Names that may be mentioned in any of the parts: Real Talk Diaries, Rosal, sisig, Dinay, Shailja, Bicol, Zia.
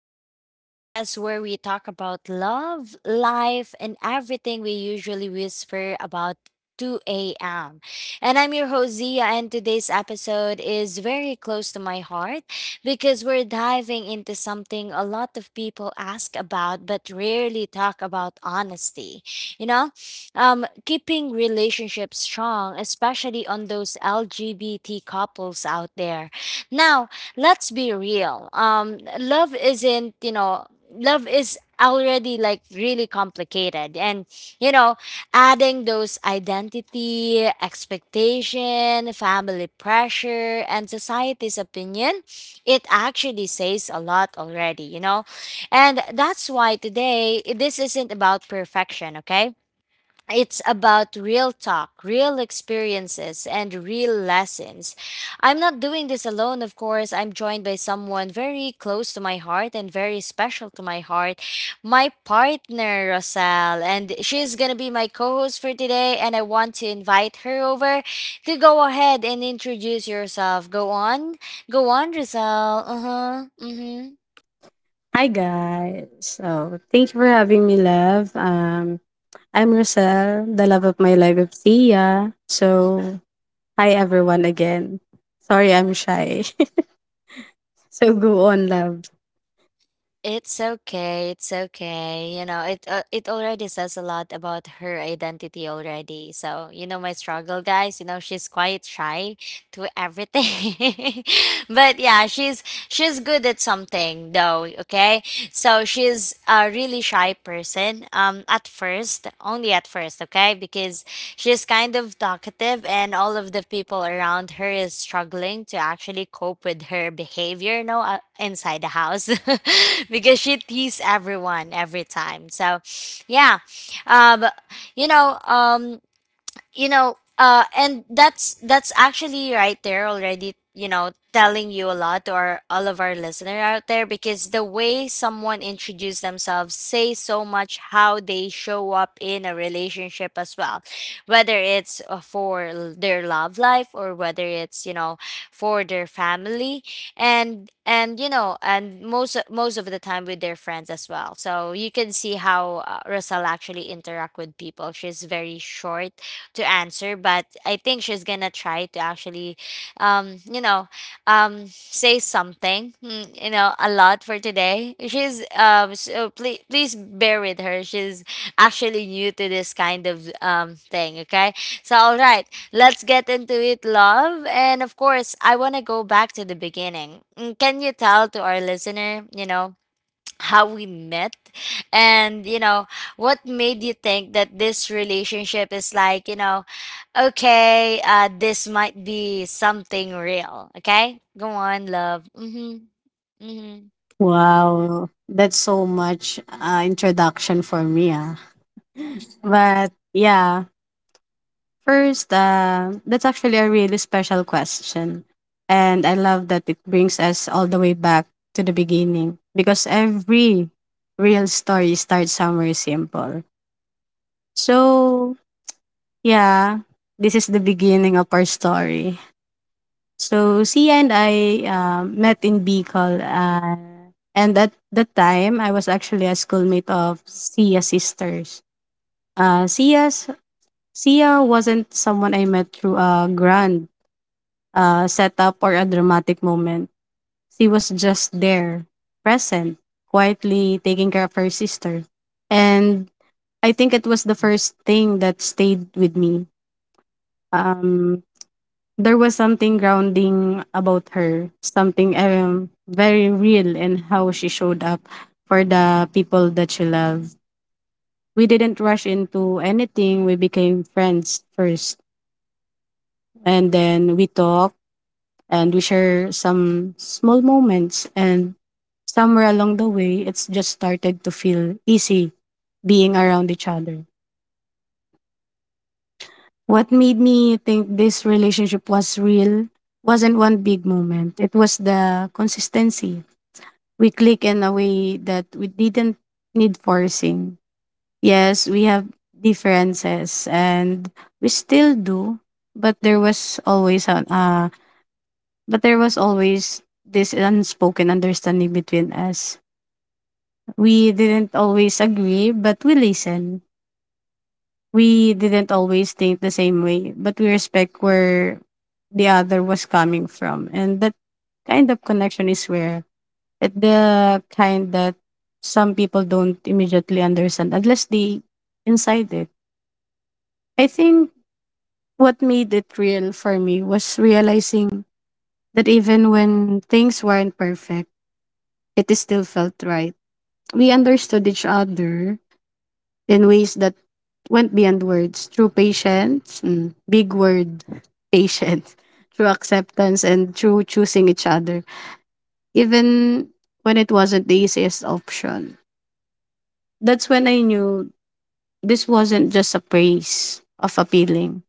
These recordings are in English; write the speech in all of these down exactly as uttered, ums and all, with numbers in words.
You know, the podcast where we talk about love, life, and everything we usually whisper about two a m. And I'm your host, Zia, and today's episode is very close to my heart because we're diving into something a lot of people ask about but rarely talk about honesty. You know, um, keeping relationships strong, especially on those L G B T couples out there now, let's be real. Um, love isn't, you know, love is already like really complicated. And, you know, adding those identity, expectation, family pressure, and society's opinion, it actually says a lot already, you know? And that's why today, this isn't about perfection, okay? It's about real talk, real experiences, and real lessons. I'm not doing this alone, of course. I'm joined by someone very close to my heart and very special to my heart, my partner, Rosal. And she's going to be my co host for today. And I want to invite her over to go ahead and introduce yourself. Go on. Go on, Rosal. Uh huh. Mm hmm. Hi guys. So thank you for having me, love. Um, I'm Roselle, the love of my life of Tia. So hi everyone again. Sorry I'm shy. So go on, love. It's okay. It's okay. You know, it uh, it already says a lot about her identity already. So, you know my struggle, guys, you know she's quite shy to everything. But yeah, she's she's good at something though, okay? So, she's a really shy person um at first, only at first, okay? Because she's kind of talkative, and all of the people around her is struggling to actually cope with her behavior, you know, uh, inside the house because she teases everyone every time. So, yeah, um, you know, um, you know uh and that's that's actually right there already, you know, telling you a lot to our all of our listener out there because the way someone introduce themselves say so much how they show up in a relationship as well, whether it's uh, for l- their love life or whether it's, you know, for their family, and and you know, and most most of the time with their friends as well. So you can see how uh, Rosal actually interact with people. She's very short to answer, but I think she's gonna try to actually, um, you know, um, say something, mm, you know, a lot for today. She's um, so please please bear with her. She's actually new to this kind of um thing. Okay, so all right, let's get into it, love. And of course, I wanna go back to the beginning. Mm, Can you tell to our listener, you know, how we met, and you know, what made you think that this relationship is like, you know. Okay, uh, this might be something real. Okay, go on, love. Mm-hmm. Mm-hmm. Wow, that's so much uh, introduction for me. Ah. But yeah, first, uh, that's actually a really special question. And I love that it brings us all the way back to the beginning because every real story starts somewhere simple. So, yeah, this is the beginning of our story. So, Sia and I uh, met in Bicol. Uh, and at that time, I was actually a schoolmate of Sia's sisters. Uh, Sia's Sia wasn't someone I met through a grand uh, setup or a dramatic moment. She was just there, present, quietly taking care of her sister. And I think it was the first thing that stayed with me. Um, there was something grounding about her, something um, very real in how she showed up for the people that she loved. We didn't rush into anything. We became friends first. And then we talked and we share some small moments and somewhere along the way, it's just started to feel easy being around each other. What made me think this relationship was real wasn't one big moment. It was the consistency. We click in a way that we didn't need forcing. Yes, we have differences and we still do, but there was always an uh but there was always this unspoken understanding between us. We didn't always agree, but we listen. We didn't always think the same way, but we respect where the other was coming from. And that kind of connection is where it the kind that some people don't immediately understand unless they inside it. I think what made it real for me was realizing that even when things weren't perfect, it still felt right. We understood each other in ways that went beyond words through patience, mm, big word, patience, through acceptance, and through choosing each other, even when it wasn't the easiest option. That's when I knew this wasn't just a praise of appealing.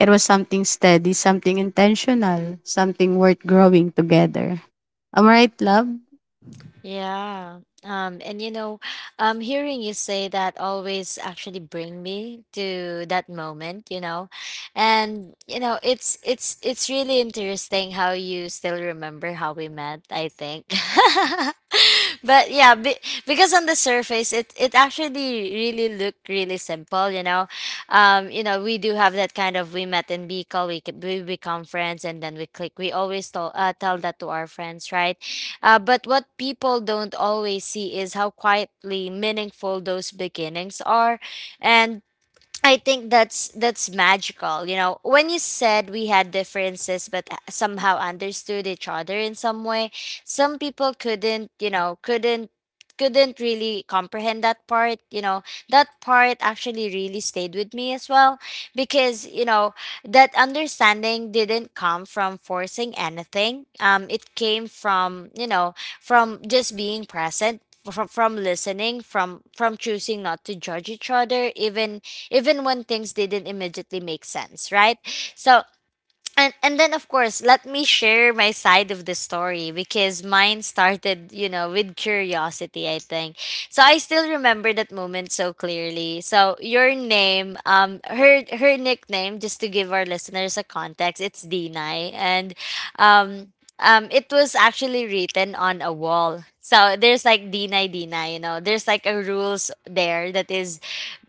It was something steady, something intentional, something worth growing together. Am I right, love? Yeah. Um, and you know, um, hearing you say that always actually bring me to that moment, you know, and you know, it's it's it's really interesting how you still remember how we met, I think. But yeah, be, because on the surface, it it actually really looked really simple, you know. Um, you know, we do have that kind of we met in Bicol, we c- we become friends, and then we click. We always tell uh, tell that to our friends, right? Uh, but what people don't always see is how quietly meaningful those beginnings are. And I think that's that's magical. You know, when you said we had differences but somehow understood each other in some way, some people couldn't, you know, couldn't couldn't really comprehend that part, you know. That part actually really stayed with me as well because, you know, that understanding didn't come from forcing anything. Um it came from, you know, from just being present. From, from listening, from from choosing not to judge each other, even even when things didn't immediately make sense, right? So and and then of course, let me share my side of the story because mine started, you know, with curiosity, I think. So I still remember that moment so clearly. So your name, um her her nickname, just to give our listeners a context, it's Dinai, and um um, it was actually written on a wall. So there's like Dinay Dinay, you know. There's like a rules there that is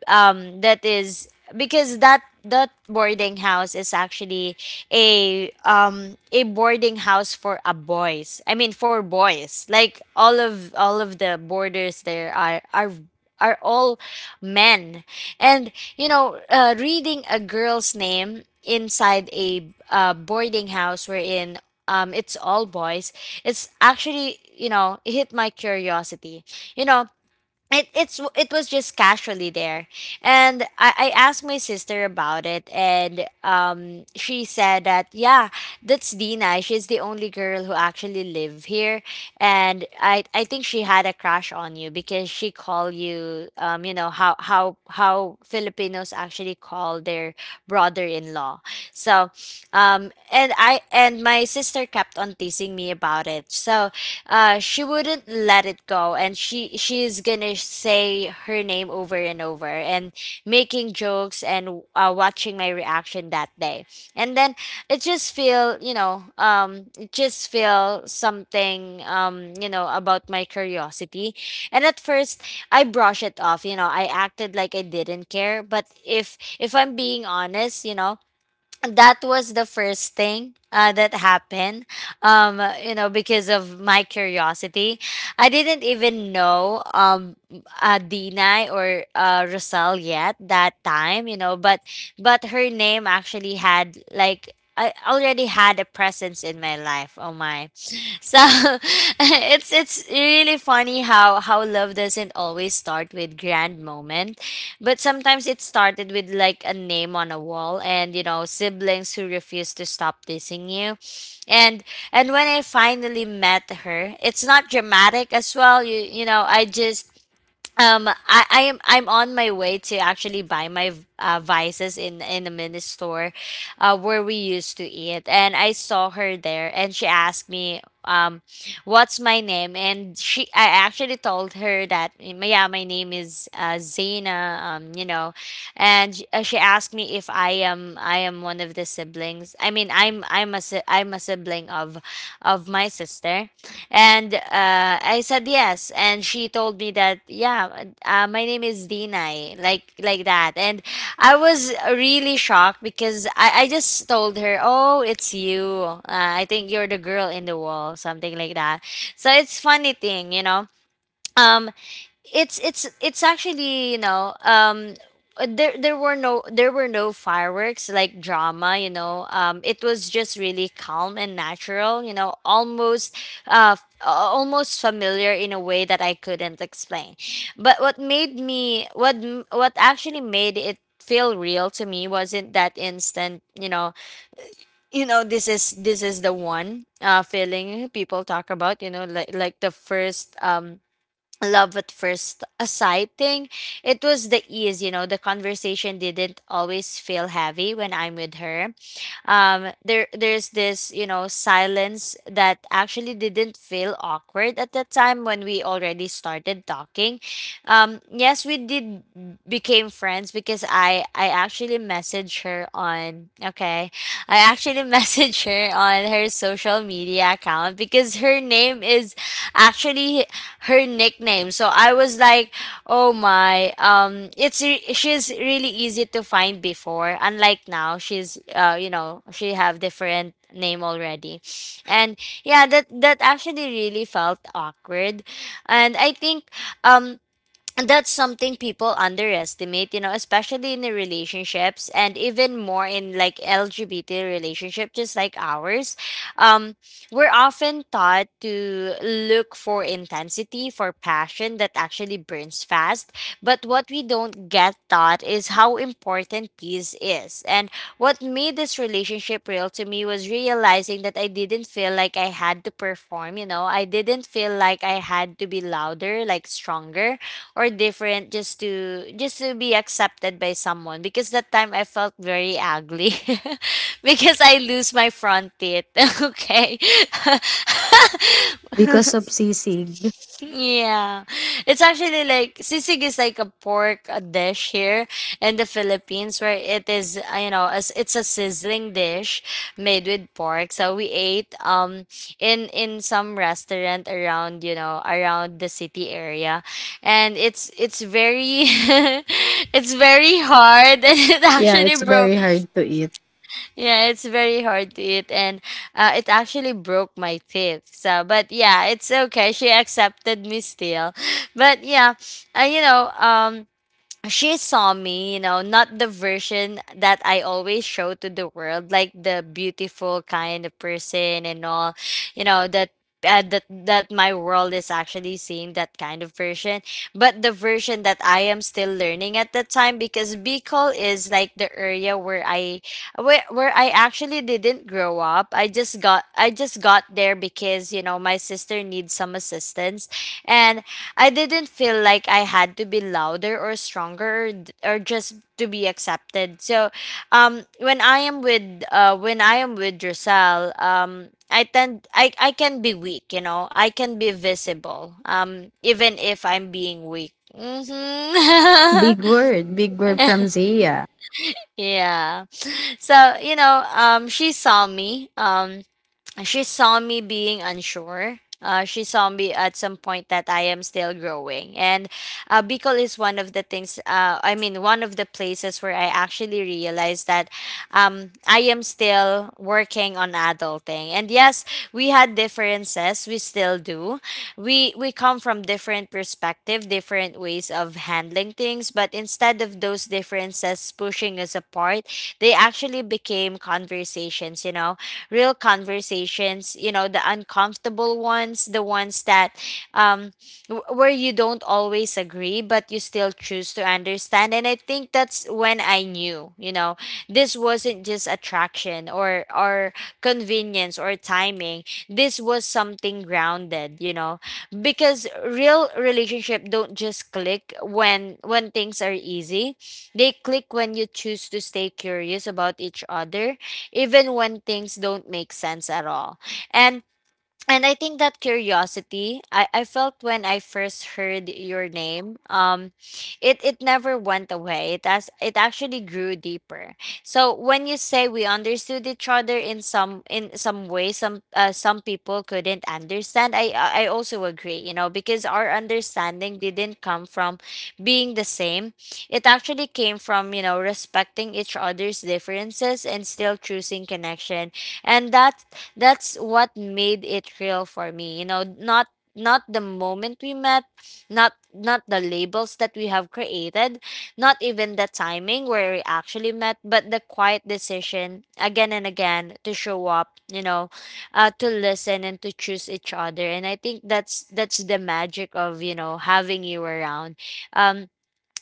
um that is because that that boarding house is actually a um a boarding house for a boys, I mean for boys, like all of all of the boarders there are are are all men. And you know, uh, reading a girl's name inside a uh, boarding house wherein um it's all boys, it's actually, you know, it hit my curiosity, you know. It it's it was just casually there, and I, I asked my sister about it, and um she said that yeah, that's Dina, she's the only girl who actually live here. And I I think she had a crush on you because she called you, um you know how how how Filipinos actually call their brother-in-law. So um and I, and my sister kept on teasing me about it. So uh she wouldn't let it go, and she she's gonna say her name over and over and making jokes and uh, watching my reaction that day. And then it just feel, you know, um it just feel something, um you know, about my curiosity. And at first, I brush it off. You know, I acted like I didn't care. But if if I'm being honest, you know, that was the first thing uh, that happened, um you know, because of my curiosity. I didn't even know, um uh, Dina or uh, Rosal yet that time, you know, but but her name actually had like, I already had a presence in my life. Oh my. So it's it's really funny how how love doesn't always start with grand moment. But sometimes it started with like a name on a wall and, you know, siblings who refuse to stop teasing you. And and when I finally met her, it's not dramatic as well. You you know, I just um I, I am I'm on my way to actually buy my uh, vices in in the mini store uh, where we used to eat, and I saw her there, and she asked me, um what's my name, and she I actually told her that yeah, my name is uh, Zaina, um you know. And sh- uh, she asked me if I am I am one of the siblings, I mean I'm I'm a si- I'm a sibling of of my sister. And uh uh, I said yes, and she told me that yeah, uh, my name is Dinay, like like that. And I was really shocked because I, I just told her, oh, it's you. Uh, I think you're the girl in the wall, something like that. So it's funny thing, you know. Um, it's it's it's actually, you know, um uh, there there were no there were no fireworks like drama, you know. um it was just really calm and natural, you know, almost uh f- a- almost familiar in a way that I couldn't explain. But what made me what m- what actually made it feel real to me wasn't that instant, you know. You know, this is this is the one uh feeling people talk about, you know, like like the first um love at first sight thing. It was the ease, you know. The conversation didn't always feel heavy when I'm with her. um there there's this, you know, silence that actually didn't feel awkward at that time when we already started talking. um yes, we did became friends because i i actually messaged her on okay, I actually messaged her on her social media account because her name is actually her nickname. So I was like, oh my. Um it's re- she's really easy to find before. Unlike now, she's uh you know, she have different name already. And yeah, that that actually really felt awkward. And I think um that's something people underestimate, you know, especially in the relationships and even more in like L G B T relationship just like ours. um we're often taught to look for intensity, for passion that actually burns fast, but what we don't get taught is how important peace is. And what made this relationship real to me was realizing that I didn't feel like I had to perform. You know, I didn't feel like I had to be louder, like stronger or different, just to just to be accepted by someone, because that time I felt very ugly because I lose my front teeth. Okay. Because of sisig. Yeah. It's actually like sisig is like a pork, a dish here in the Philippines, where it is, uh, you know, as it's a sizzling dish made with pork. So we ate um in in some restaurant around, you know, around the city area. And it's it's very it's very hard and it Yeah, actually it's broke very hard to eat. yeah, it's very hard to eat, and uh, it actually broke my teeth. So, but yeah, it's okay. She accepted me still, but yeah, uh, you know, um, she saw me, you know, not the version that I always show to the world, like the beautiful kind of person and all, you know, that uh, that that my world is actually seeing that kind of version, but the version that I am still learning at that time because Bicol is like the area where I where where I actually didn't grow up. I just got I just got there because you know my sister needs some assistance, and I didn't feel like I had to be louder or stronger or, d- or just to be accepted. So, um, when I am with uh, when I am with Drusel, um, I tend I, I can be weak. You know, I can be visible. Um, even if I'm being weak. Hmm. Big word, big word from Zia. Yeah. So you know, um, she saw me. Um, she saw me being unsure. Uh, she saw me at some point that I am still growing. And uh, Bicol is one of the things, uh, I mean, one of the places where I actually realized that um, I am still working on adulting. And yes, we had differences. We still do. We, we come from different perspective, different ways of handling things. But instead of those differences pushing us apart, they actually became conversations, you know, real conversations, you know, the uncomfortable ones, the ones that um w- where you don't always agree but you still choose to understand. And I think that's when I knew, you know, this wasn't just attraction or or convenience or timing. This was something grounded, you know, because real relationship don't just click when when things are easy, they click when you choose to stay curious about each other even when things don't make sense at all. And and I think that curiosity I, I felt when I first heard your name, um, it, it never went away. It as it actually grew deeper. So when you say we understood each other in some in some way, some uh, some people couldn't understand. I I I also agree, you know, because our understanding didn't come from being the same. It actually came from, you know, respecting each other's differences and still choosing connection, and that that's what made it real for me, you know, not not the moment we met, not not the labels that we have created, not even the timing where we actually met, but the quiet decision again and again to show up, you know, uh, to listen and to choose each other. And I think that's that's the magic of, you know, having you around. Um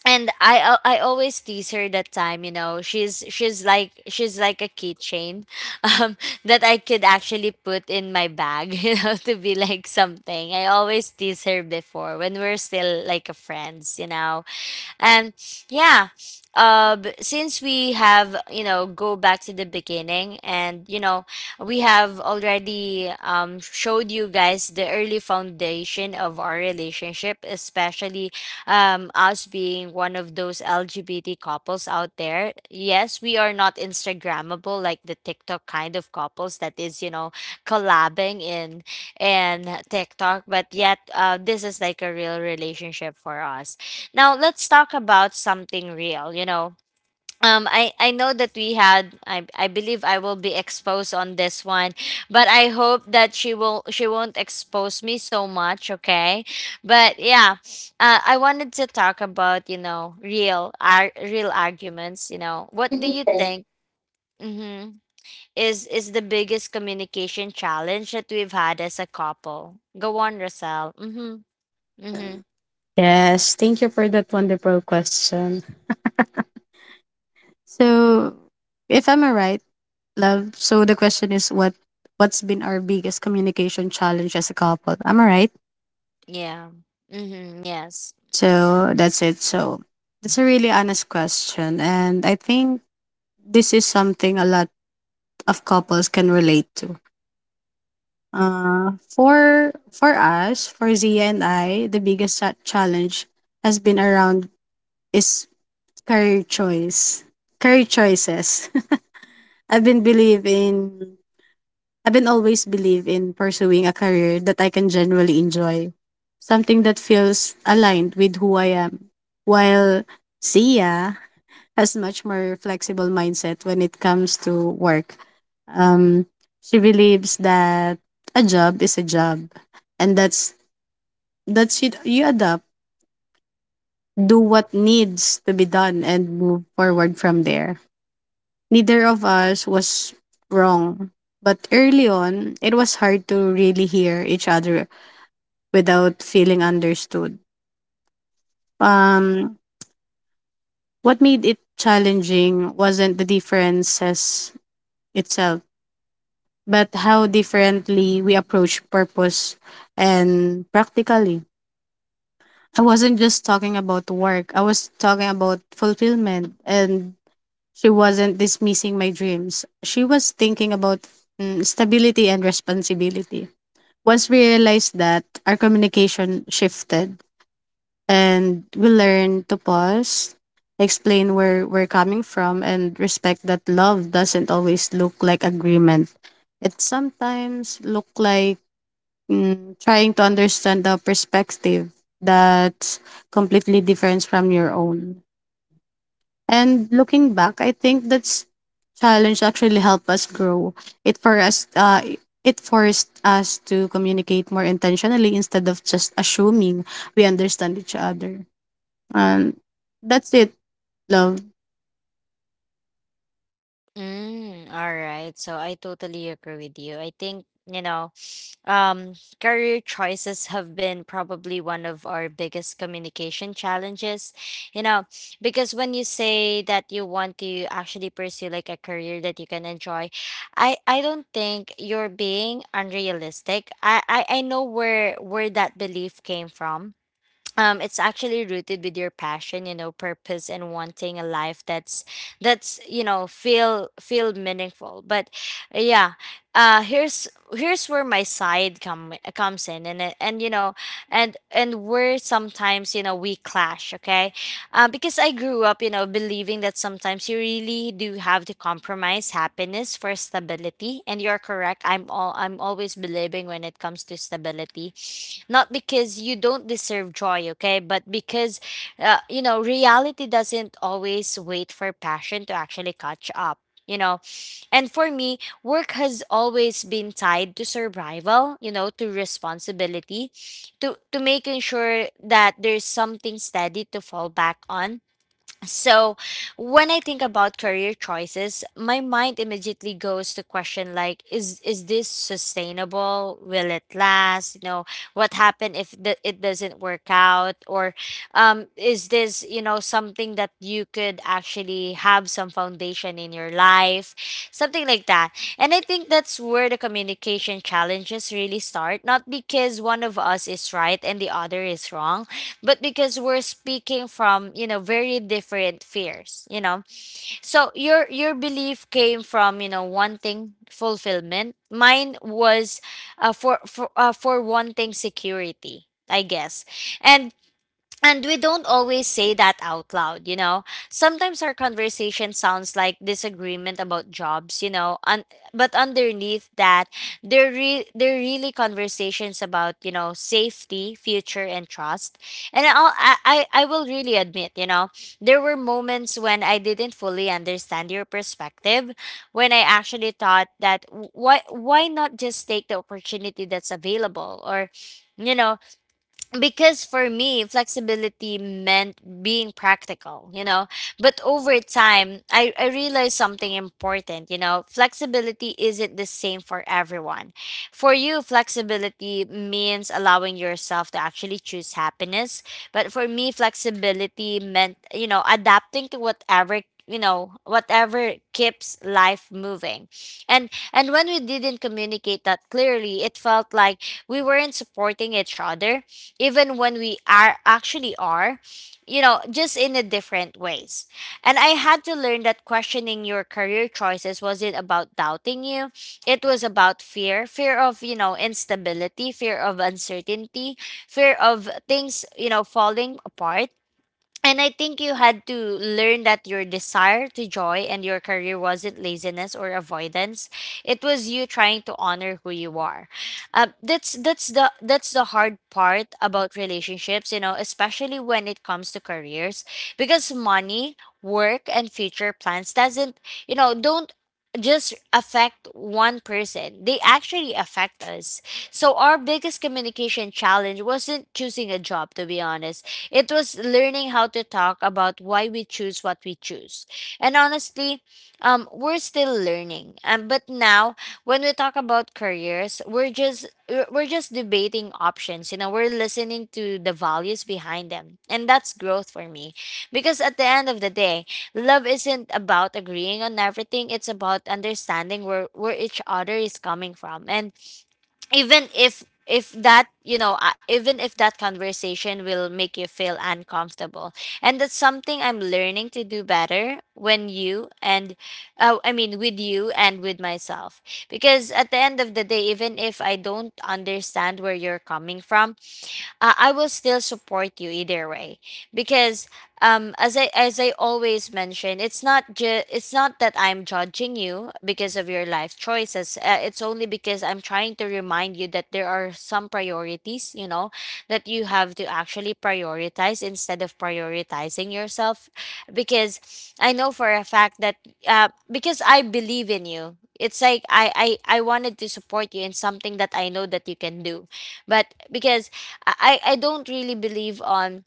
and I al- I always tease her that time, you know. She's she's like she's like a keychain um that I could actually put in my bag, you know, to be like something. I always tease her before when we're still like a friends, you know, and yeah. Uh b- since we have, you know, go back to the beginning, and, you know, we have already um showed you guys the early foundation of our relationship, especially um us being one of those LGBT couples out there. Yes, we are not instagrammable like the TikTok kind of couples that is, you know, collabing in in TikTok, but yet uh, this is like a real relationship for us. Now let's talk about something real, you know. Um, I, I know that we had I, I believe I will be exposed on this one, but I hope that she will she won't expose me so much, okay? But yeah, uh, I wanted to talk about, you know, real ar- real arguments. You know, what do you think, hmm, is is the biggest communication challenge that we've had as a couple? Go on, Rosal. Mm-hmm. Mm-hmm. Yes, thank you for that wonderful question. So, if I'm right, love, so the question is what what's been our biggest communication challenge as a couple? Am I right? Yeah. Mm-hmm. Yes. So, that's it. So, that's a really honest question and I think this is something a lot of couples can relate to. Uh, for for us, for Zia and I, the biggest cha- challenge has been around is career choice, career choices. I've been believe in I've been always believe in pursuing a career that I can genuinely enjoy. Something that feels aligned with who I am. While Sia has much more flexible mindset when it comes to work. Um, she believes that a job is a job and that's that's it, you adapt, do what needs to be done and move forward from there. Neither of us was wrong. But early on, it was hard to really hear each other without feeling understood. Um, what made it challenging wasn't the differences itself, but how differently we approach purpose and practically. I wasn't just talking about work. I was talking about fulfillment and she wasn't dismissing my dreams. She was thinking about mm, stability and responsibility. Once we realized that, our communication shifted and we learned to pause, explain where we're coming from, and respect that love doesn't always look like agreement. It sometimes look like mm, trying to understand the perspective that's completely different from your own. And looking back, I think that's challenge actually helped us grow. It for us uh it forced us to communicate more intentionally instead of just assuming we understand each other. And that's it, love. Mm, all right. So I totally agree with you. I think, you know, um, career choices have been probably one of our biggest communication challenges, you know, because when you say that you want to actually pursue like a career that you can enjoy, I I don't think you're being unrealistic. I I, I know where where that belief came from. Um, it's actually rooted with your passion, you know, purpose, and wanting a life that's that's you know, feel feel meaningful. But yeah, uh here's here's where my side come comes in, and it- and, you know, and and where sometimes, you know, we clash, okay. Uh, because I grew up, you know, believing that sometimes you really do have to compromise happiness for stability. And you're correct, i'm all I'm always believing when it comes to stability, not because you don't deserve joy, okay, but because uh, you know, reality doesn't always wait for passion to actually catch up. You know, and for me, work has always been tied to survival. You know, to responsibility, to to making sure that there's something steady to fall back on. So, when I think about career choices, my mind immediately goes to question like, is is this sustainable? Will it last? You know, what happened if the, it doesn't work out? Or um is this, you know, something that you could actually have some foundation in your life? Something like that. And I think that's where the communication challenges really start, not because one of us is right and the other is wrong, but because we're speaking from, you know, very different fears, you know. So your your belief came from, you know, wanting fulfillment. Mine was uh, for for uh, for wanting security, I guess. and and we don't always say that out loud, you know. Sometimes our conversation sounds like disagreement about jobs, you know, un- but underneath that, they're re- they're really conversations about, you know, safety, future, and trust. And I'll, I I I will really admit, you know, there were moments when I didn't fully understand your perspective, when I actually thought that why why not just take the opportunity that's available? Or you know, because for me flexibility meant being practical, you know. But over time I, I realized something important, you know, flexibility isn't the same for everyone. For you, flexibility means allowing yourself to actually choose happiness. But for me, flexibility meant, you know, adapting to whatever, you know, whatever keeps life moving. and and when we didn't communicate that clearly, it felt like we weren't supporting each other even when we are actually are, you know, just in a different ways. And I had to learn that questioning your career choices wasn't about doubting you. It was about fear, fear of, you know, instability, fear of uncertainty, fear of things, you know, falling apart. And I think you had to learn that your desire to joy and your career wasn't laziness or avoidance. It was you trying to honor who you are. Uh, that's that's the that's the hard part about relationships, you know, especially when it comes to careers, because money, work, and future plans doesn't, you know, don't just affect one person, they actually affect us. So our biggest communication challenge wasn't choosing a job, to be honest, it was learning how to talk about why we choose what we choose. And honestly, um, we're still learning. Um, but now, when we talk about careers, we're just we're we're just debating options. You know, we're listening to the values behind them, and that's growth for me. Because at the end of the day, love isn't about agreeing on everything. It's about understanding where where each other is coming from, and even if if that you know uh, even if that conversation will make you feel uncomfortable. And that's something I'm learning to do better when you and uh, I mean with you and with myself. Because at the end of the day, even if I don't understand where you're coming from, uh, I will still support you either way. Because um as I as I always mention, it's not ju- it's not that I'm judging you because of your life choices. Uh, it's only because I'm trying to remind you that there are some priorities, you know, that you have to actually prioritize instead of prioritizing yourself. Because I know for a fact that uh, because I believe in you. It's like I, I I wanted to support you in something that I know that you can do. But because I I don't really believe on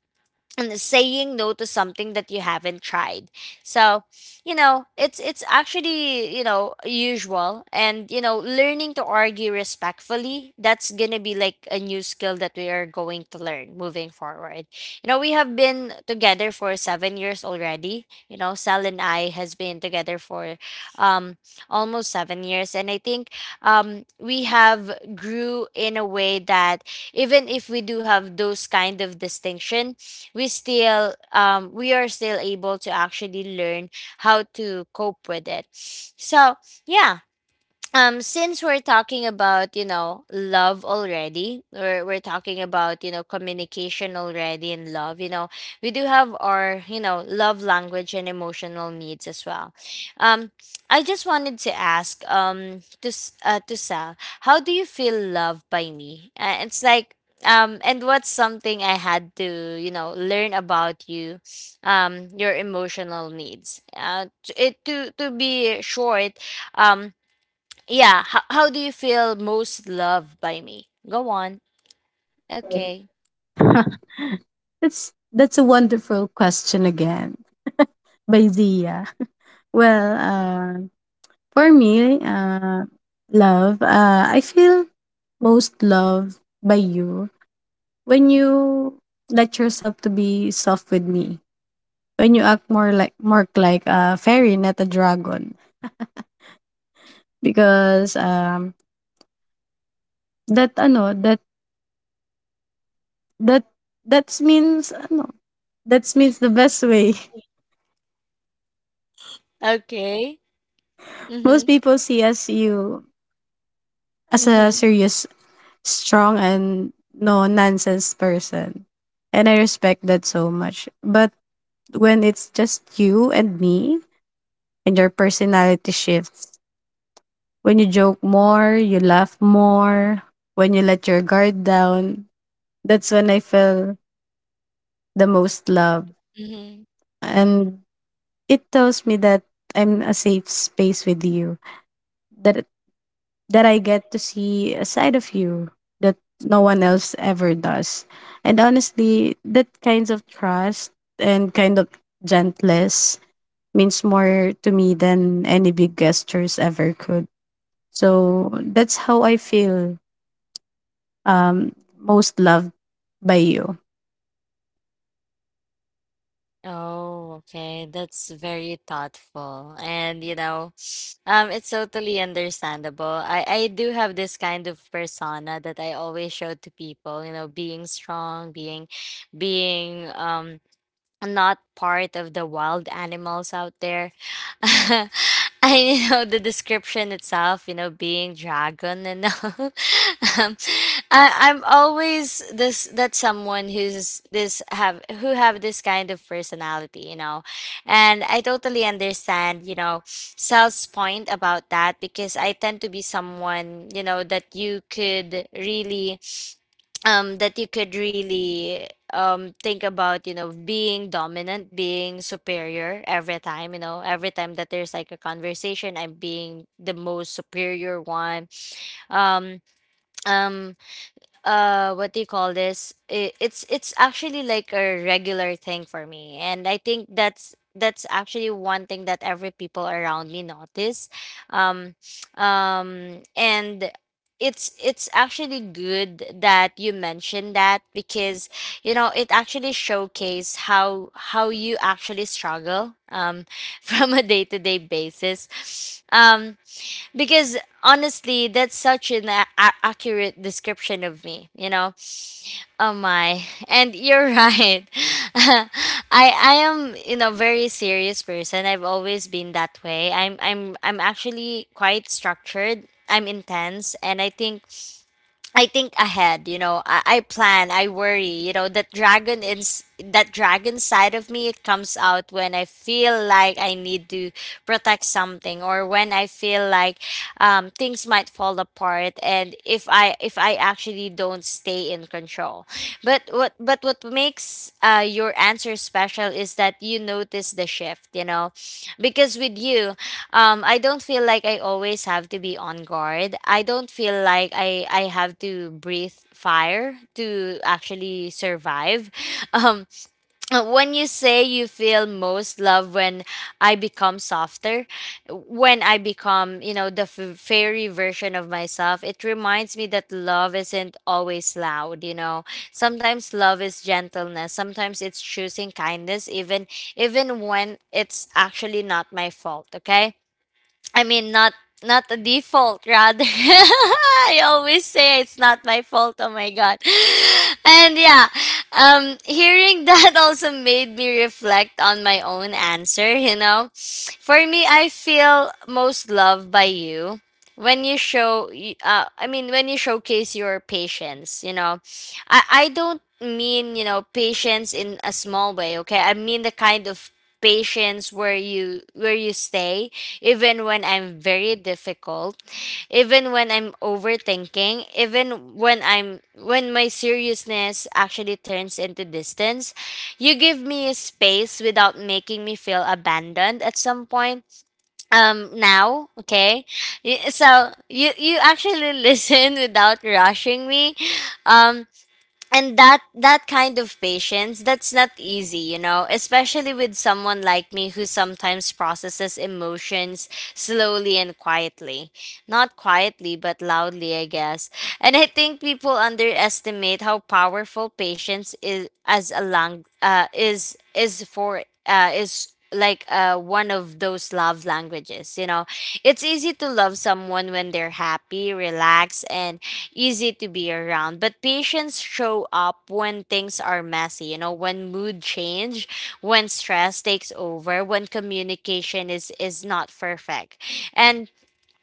and saying no to something that you haven't tried. So you know it's it's actually you know usual, and you know learning to argue respectfully, that's gonna be like a new skill that we are going to learn moving forward. You know, we have been together for seven years already. You know, Sal and I has been together for um almost seven years, and I think um we have grew in a way that even if we do have those kind of distinction, we still um we are still able to actually learn how to cope with it. So yeah. Um since we're talking about you know love already, or we're talking about you know communication already and love, you know, we do have our you know love language and emotional needs as well. um I just wanted to ask, um to S- uh, to Sal, how do you feel loved by me? Uh, it's like, um and what's something I had to you know learn about you, um your emotional needs, uh to, it to to be short. um yeah. How, how do you feel most loved by me? Go on. Okay. That's that's a wonderful question again by Zia. Well, uh, for me, uh, love, uh, I feel most loved by you when you let yourself to be soft with me, when you act more like more like a fairy not a dragon because um that ano that that that means ano that means the best way. Okay. Most Mm-hmm. people see us you as a Mm-hmm. serious strong and no nonsense person and I respect that so much, but when it's just you and me and your personality shifts. When you joke more, you laugh more, when you let your guard down, that's when I feel the most love. Mm-hmm. And it tells me that I'm a safe space with you, that that I get to see a side of you that no one else ever does. And honestly, that kinds of trust and kind of gentleness means more to me than any big gestures ever could. So that's how I feel um, most loved by you? Oh, okay. That's very thoughtful. And you know, um, it's totally understandable. I, I do have this kind of persona that I always show to people, you know, being strong, being being um not part of the wild animals out there. I you know the description itself, you know, being dragon and all. um, I, I'm always this that someone who's this have who have this kind of personality, you know, and I totally understand, you know, Sal's point about that, because I tend to be someone, you know, that you could really um that you could really um think about, you know, being dominant, being superior every time. You know, every time that there's like a conversation, I'm being the most superior one. um um uh what do you call this? it, it's it's actually like a regular thing for me, and I think that's that's actually one thing that every people around me notice. Um um and it's it's actually good that you mentioned that, because you know it actually showcase how how you actually struggle um from a day-to-day basis. Um because honestly, that's such an a- a- accurate description of me, you know. Oh my and you're right. i i am, you know, very serious person. I've always been that way. i'm i'm I'm actually quite structured, I'm intense, and i think I think ahead. You know, I, I plan, I worry, you know, that dragon in that dragon side of me, it comes out when I feel like I need to protect something, or when I feel like um, things might fall apart and if I if I actually don't stay in control. But what but what makes uh, your answer special is that you notice the shift, you know, because with you. Um, I don't feel like I always have to be on guard. I don't feel like I I have to breathe fire to actually survive. Um, uh, when you say you feel most love when I become softer, when I become, you know, the f- fairy version of myself, it reminds me that love isn't always loud. You know, sometimes love is gentleness. Sometimes it's choosing kindness, even even when it's actually not my fault. Okay, I mean, not not a default, rather. I always say it's not my fault. Oh my God! And yeah, um, hearing that also made me reflect on my own answer. You know, for me, I feel most loved by you when you show. y- Uh, I mean, when you showcase your patience. You know, I I don't mean, you know, patience in a small way. Okay, I mean the kind of patience where you where you stay even when I'm very difficult, even when I'm overthinking, even when I'm when my seriousness actually turns into distance. You give me a space without making me feel abandoned at some point. Um now, okay? Y- So you you actually listen without rushing me. Um and that that kind of patience, that's not easy, you know, especially with someone like me who sometimes processes emotions slowly and quietly. Not quietly, but loudly, I guess. And I think people underestimate how powerful patience is as a lang- uh, is is for uh, is like uh, one of those love languages, you know. It's easy to love someone when they're happy, relaxed, and easy to be around, but patience show up when things are messy, you know, when mood change, when stress takes over, when communication is is not perfect. and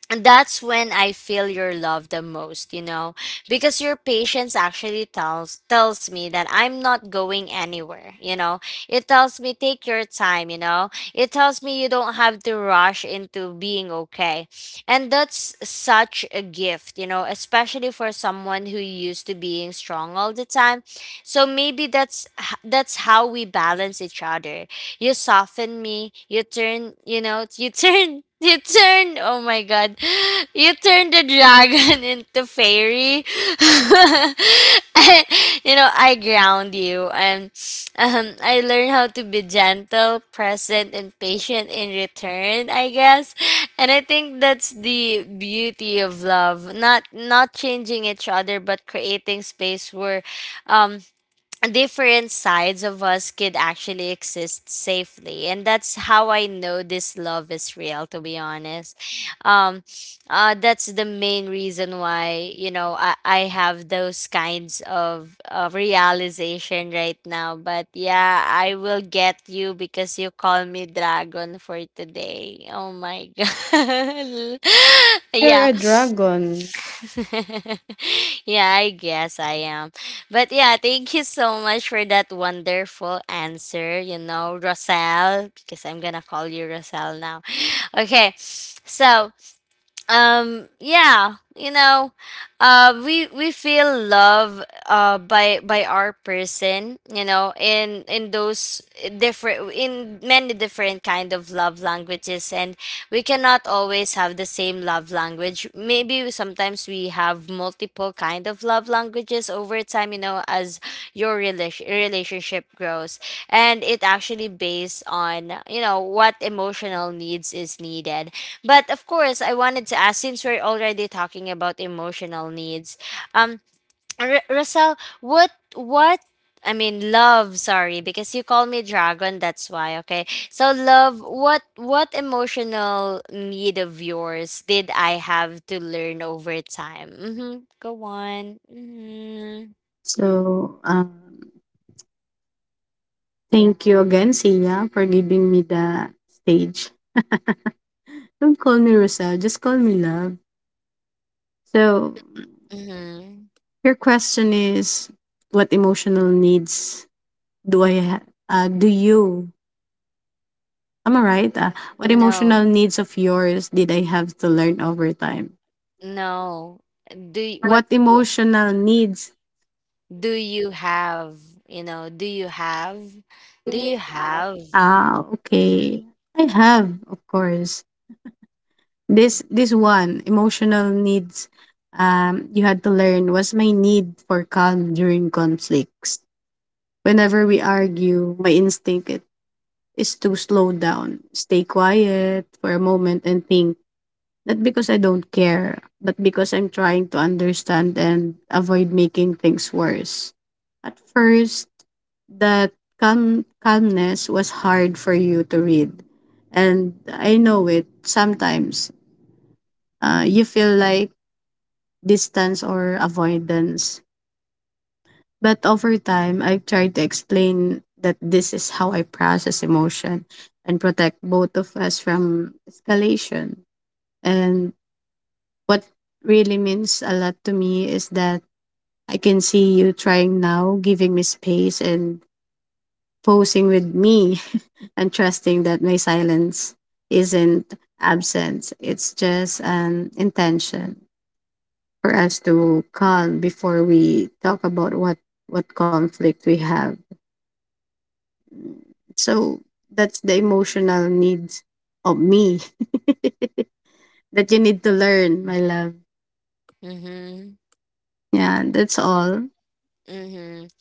and that's when I feel your love the most, you know, because your patience actually tells tells me that I'm not going anywhere, you know. It tells me take your time, you know. It tells me you don't have to rush into being okay. And that's such a gift, you know, especially for someone who used to being strong all the time. So maybe that's h- that's how we balance each other. You soften me. You turn, you know, you turn, you turn, oh my God, you turn the dragon into fairy. I- you know, I ground you. And um, I learn how to be gentle, present, and patient in return, I guess. And I think that's the beauty of love. Not not changing each other, but creating space where um different sides of us could actually exist safely. And that's how I know this love is real, to be honest. um uh that's the main reason why, you know, i, I have those kinds of, of realization right now. But yeah, I will get you because you call me dragon for today. Oh my God. Because you're Yeah. a dragon. Yeah, I guess I am. But yeah, thank you so much for that wonderful answer, you know, Rosal, because I'm gonna call you Rosal now. Okay, so um yeah, you know, uh we we feel love uh by by our person, you know, in in those different in many different kind of love languages. And we cannot always have the same love language. Maybe sometimes we have multiple kind of love languages over time, you know, as your relation relationship grows. And it actually based on, you know, what emotional needs is needed. But of course, I wanted to ask, since we're already talking about emotional needs, um, R- Russell, what what I mean, love. Sorry, because you call me dragon. That's why. Okay. So, love. What what emotional need of yours did I have to learn over time? Mm-hmm. Go on. Mm-hmm. So, um, thank you again, Sia, for giving me the stage. Don't call me Rosel, just call me love. So, Mm-hmm. your question is, what emotional needs do I ha- uh, do you Am I right? Uh, what emotional No, needs of yours did I have to learn over time? no. Do y- what What do emotional needs? do you have? You know, do you have? Do you have? Ah, Mhm. okay. I have, of course. This this one emotional needs um you had to learn was my need for calm during conflicts. Whenever we argue, my instinct it is to slow down, stay quiet for a moment and think. Not because I don't care, but because I'm trying to understand and avoid making things worse. At first, that calm calmness was hard for you to read. And I know it sometimes. Uh, you feel like distance or avoidance. But over time, I've tried to explain that this is how I process emotion and protect both of us from escalation. And what really means a lot to me is that I can see you trying now, giving me space and posing with me and trusting that my silence isn't absence, it's just an intention for us to calm before we talk about what what conflict we have. So that's the emotional needs of me that you need to learn, my love. Mhm. Yeah, that's all. Mhm.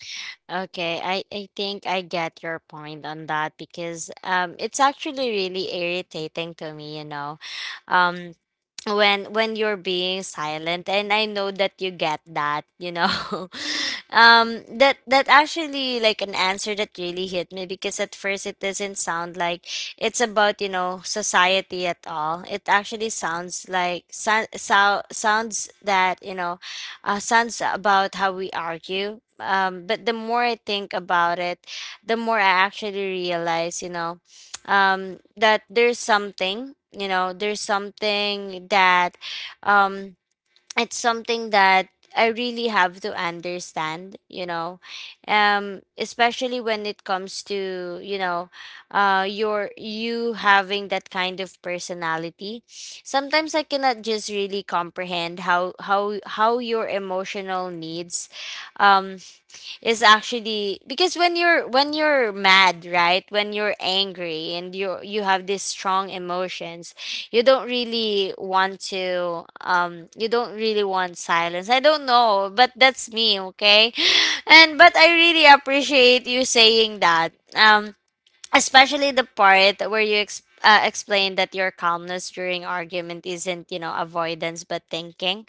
Okay, I I think I get your point on that, because um it's actually really irritating to me, you know. Um when when you're being silent, and I know that you get that, you know, um that that actually like an answer that really hit me, because at first it doesn't sound like it's about, you know, society at all. It actually sounds like so, so, sounds that, you know, uh, sounds about how we argue. Um but the more I think about it, the more I actually realize, you know, um, that there's something, you know, there's something that um, it's something that I really have to understand, you know, um, especially when it comes to, you know, uh, your you having that kind of personality. Sometimes I cannot just really comprehend how how how your emotional needs um is actually. Because when you're when you're mad, right, when you're angry and you you have these strong emotions, you don't really want to um you don't really want silence. I don't know, but that's me, okay. And but I really appreciate you saying that, um especially the part where you ex- uh, explain that your calmness during argument isn't, you know, avoidance, but thinking.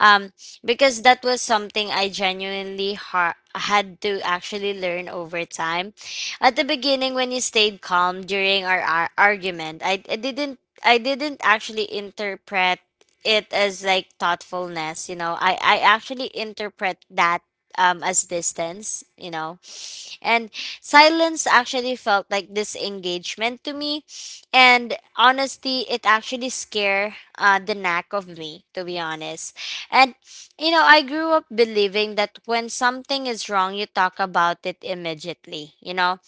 um, because that was something I genuinely ha- had to actually learn over time. At the beginning, when you stayed calm during our, ar- argument, I, I didn't I didn't actually interpret it as like thoughtfulness. You know, I I actually interpret that um as distance. You know, and silence actually felt like disengagement to me. And honestly, it actually scared uh, the knack of me, to be honest. And, you know, I grew up believing that when something is wrong, you talk about it immediately, you know?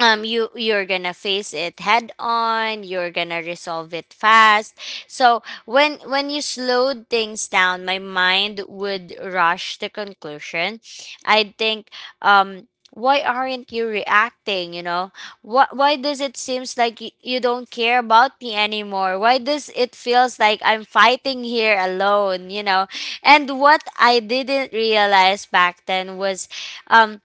um you you're gonna face it head on, you're gonna resolve it fast. So when when you slowed things down, my mind would rush to conclusion. I think um why aren't you reacting, you know? What why does it seems like y- you don't care about me anymore? Why does it feels like I'm fighting here alone, you know? And what I didn't realize back then was um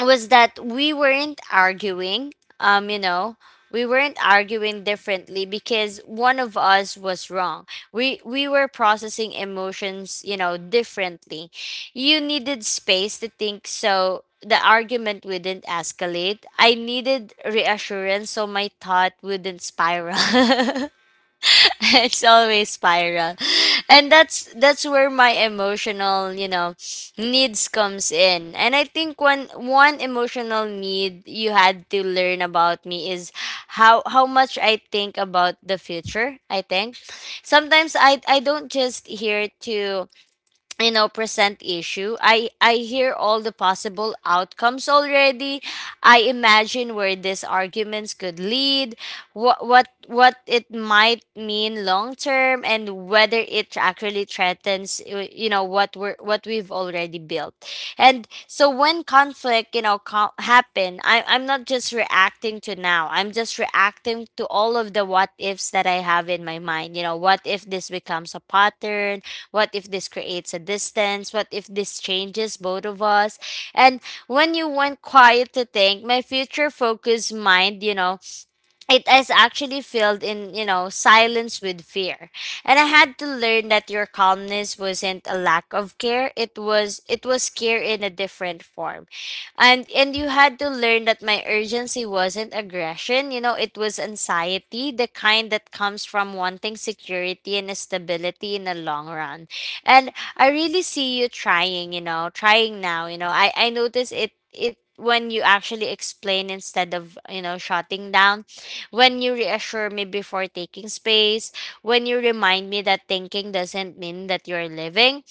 was that we weren't arguing. um you know we weren't arguing differently because one of us was wrong. We we were processing emotions, you know, differently. You needed space to think so the argument wouldn't escalate. I needed reassurance so my thought wouldn't spiral. It's always spiral. And that's that's where my emotional, you know, needs comes in. And I think one one emotional need you had to learn about me is how how much I think about the future. I think sometimes i i don't just here to, you know, present issue. I i hear all the possible outcomes already. I imagine where these arguments could lead, what what what it might mean long term, and whether it actually threatens y- you know what we're what we've already built. And so when conflict, you know, co- happen, I, I'm not just reacting to now, I'm just reacting to all of the what ifs that I have in my mind. You know, what if this becomes a pattern? What if this creates a distance? What if this changes both of us? And when you went quiet to think, my future focused mind, you know, it is actually filled in, you know, silence with fear. And I had to learn that your calmness wasn't a lack of care. It was, it was care in a different form. And and you had to learn that my urgency wasn't aggression, you know, it was anxiety, the kind that comes from wanting security and stability in the long run. And I really see you trying, you know, trying now. You know, i i notice it it when you actually explain instead of, you know, shutting down, when you reassure me before taking space, when you remind me that thinking doesn't mean that you're living.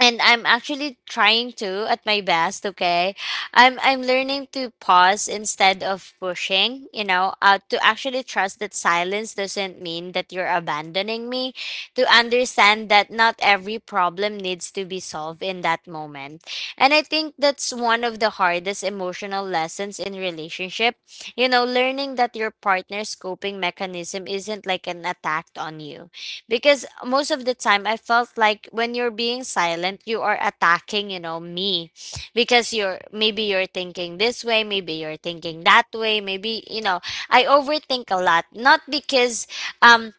And I'm actually trying to at my best, okay? I'm I'm learning to pause instead of pushing, you know, uh, to actually trust that silence doesn't mean that you're abandoning me, to understand that not every problem needs to be solved in that moment. And I think that's one of the hardest emotional lessons in relationship. You know, learning that your partner's coping mechanism isn't like an attack on you, because most of the time I felt like when you're being silent, you are attacking, you know, me, because you're, maybe you're thinking this way, maybe you're thinking that way, maybe, you know, I overthink a lot, not because um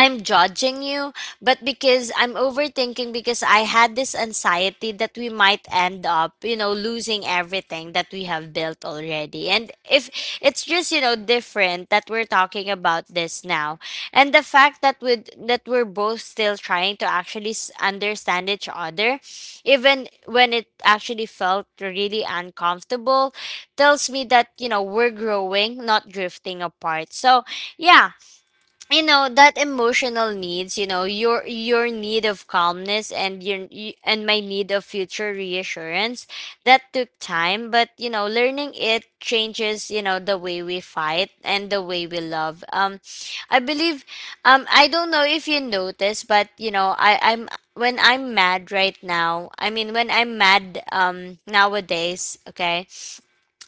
I'm judging you, but because I'm overthinking, because I had this anxiety that we might end up, you know, losing everything that we have built already. And if it's just, you know, different that we're talking about this now. And the fact that with that we're both still trying to actually s- understand each other, even when it actually felt really uncomfortable, tells me that, you know, we're growing, not drifting apart. So, yeah, you know that emotional needs, you know, your your need of calmness and your y- and my need of future reassurance, that took time. But you know, learning it changes, you know, the way we fight and the way we love. um I believe, um I don't know if you notice, but you know, i i'm when I'm mad right now, I mean when I'm mad um nowadays, okay,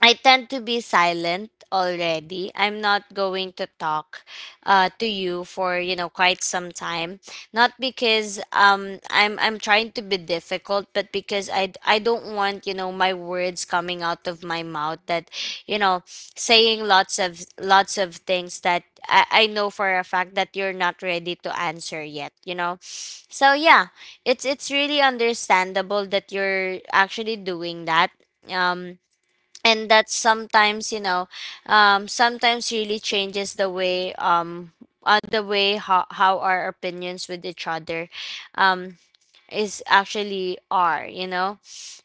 I tend to be silent already. I'm not going to talk uh, to you for, you know, quite some time. Not because um I'm I'm trying to be difficult, but because I I don't want, you know, my words coming out of my mouth that, you know, saying lots of lots of things that I, I know for a fact that you're not ready to answer yet. You know, so yeah, it's it's really understandable that you're actually doing that. Um, and that sometimes, you know, um sometimes really changes the way um uh, the way how, how our opinions with each other um is actually are, you know.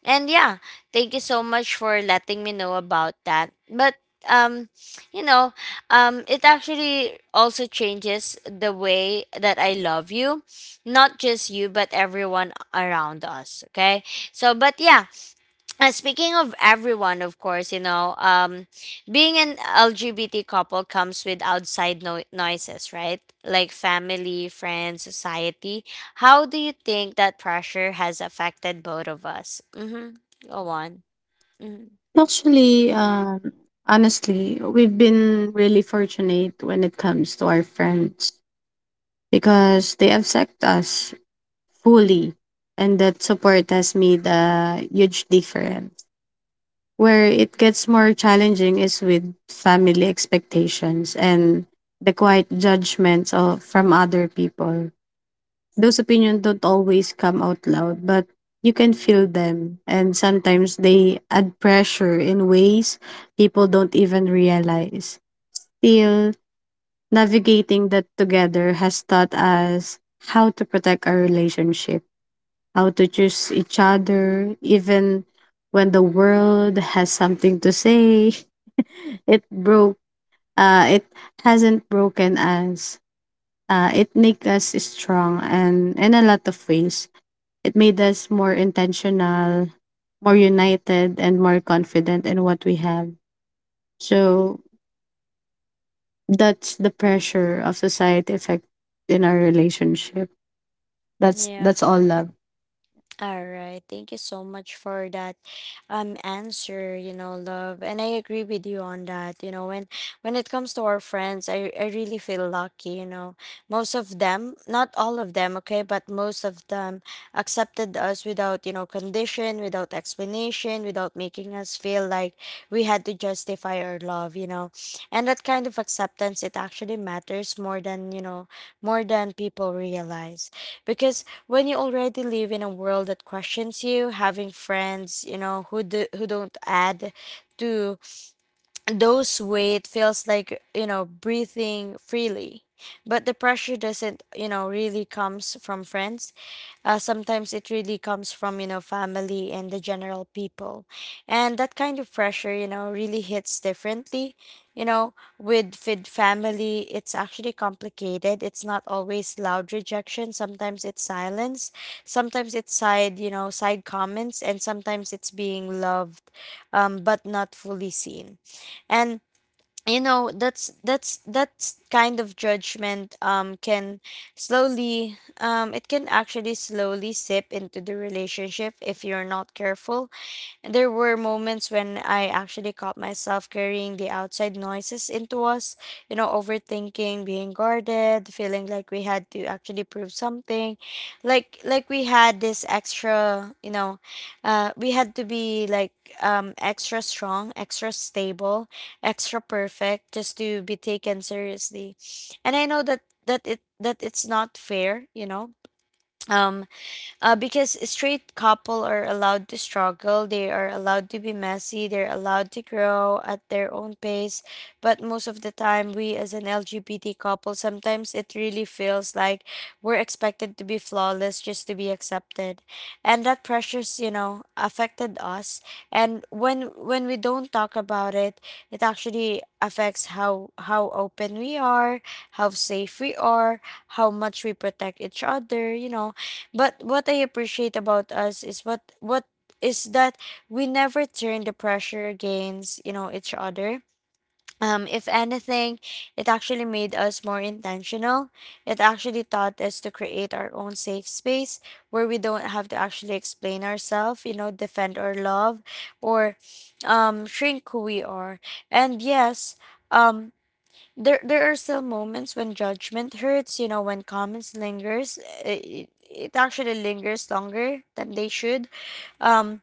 And yeah, thank you so much for letting me know about that. But um you know, um it actually also changes the way that I love you, not just you but everyone around us, okay? So but yeah, uh, speaking of everyone, of course, you know, um, being an L G B T couple comes with outside no- noises, right? Like family, friends, society. How do you think that pressure has affected both of us? Mm-hmm. Go on. Mm-hmm. Actually, um honestly we've been really fortunate when it comes to our friends because they accept us fully and that support has made a huge difference. Where it gets more challenging is with family expectations and the quiet judgments of, from other people. Those opinions don't always come out loud, but you can feel them. And sometimes they add pressure in ways people don't even realize. Still, navigating that together has taught us how to protect our relationship, how to choose each other, even when the world has something to say. It broke. Uh, it hasn't broken us. Uh, it make us strong, and in a lot of ways, it made us more intentional, more united, and more confident in what we have. So that's the pressure of society effect in our relationship. That's Yeah. that's all love. All right. Thank you so much for that um answer, you know, love. And I agree with you on that. You know, when when it comes to our friends, I I really feel lucky, you know. Most of them, not all of them, okay, but most of them accepted us without, you know, condition, without explanation, without making us feel like we had to justify our love, you know. And that kind of acceptance, it actually matters more than, you know, more than people realize. Because when you already live in a world that questions you, having friends, you know, who do, who don't add to those weight feels like, you know, breathing freely. But the pressure doesn't, you know, really comes from friends. Uh, sometimes it really comes from, you know, family and the general people. And that kind of pressure, you know, really hits differently, you know. With with family it's actually complicated. It's not always loud rejection. Sometimes it's silence, sometimes it's side, you know, side comments, and sometimes it's being loved, um, but not fully seen. And, you know, that's that's that's kind of judgment um can slowly, um it can actually slowly sip into the relationship if you're not careful. There were moments when I actually caught myself carrying the outside noises into us, you know, overthinking, being guarded, feeling like we had to actually prove something, like like we had this extra, you know, uh, we had to be like um extra strong, extra stable, extra perfect just to be taken seriously. And I know that that it that it's not fair, you know. Um, uh, because straight couple are allowed to struggle, they are allowed to be messy, they're allowed to grow at their own pace. But most of the time we as an LGBT couple, sometimes it really feels like we're expected to be flawless just to be accepted. And that pressures, you know, affected us. And when when we don't talk about it, it actually affects how how open we are, how safe we are, how much we protect each other, you know. But what I appreciate about us is what what is that we never turn the pressure against, you know, each other. Um, if anything, it actually made us more intentional. It actually taught us to create our own safe space where we don't have to actually explain ourselves, you know, defend our love, or um, shrink who we are. And yes, um, there there are still moments when judgment hurts, you know, when comments lingers. Uh, it, it actually lingers longer than they should, um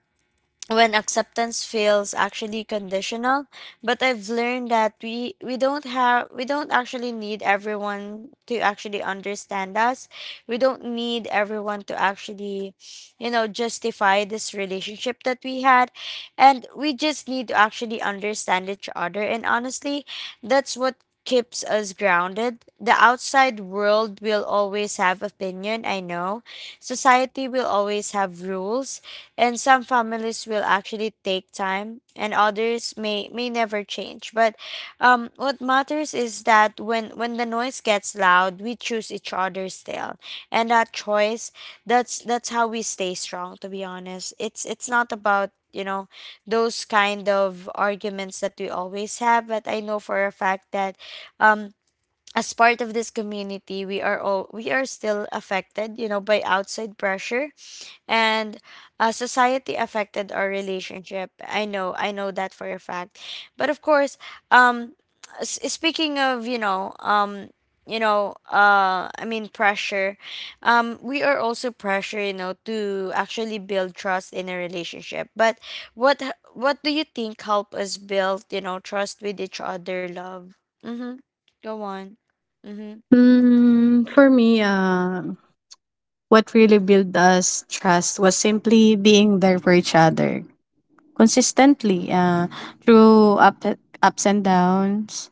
when acceptance feels actually conditional. But I've learned that we we don't have, we don't actually need everyone to actually understand us. We don't need everyone to actually, you know, justify this relationship that we had. And we just need to actually understand each other. And honestly, that's what keeps us grounded. The outside world will always have opinion, I know. Society will always have rules. And some families will actually take time, and others may may never change. But um what matters is that when when the noise gets loud, we choose each other still. And that choice, that's that's how we stay strong, to be honest. It's it's not about, you know, those kind of arguments that we always have. But I know for a fact that um as part of this community, we are all we are still affected, you know, by outside pressure. And uh, society affected our relationship. I know, I know that for a fact. But of course, um s- speaking of, you know, um you know, uh I mean pressure, um we are also pressure, you know, to actually build trust in a relationship. But what h- what do you think help us build, you know, trust with each other, love? Mm-hmm. Go on. Mm-hmm. Mm, for me, uh, what really built us trust was simply being there for each other. Consistently uh, through up, ups and downs.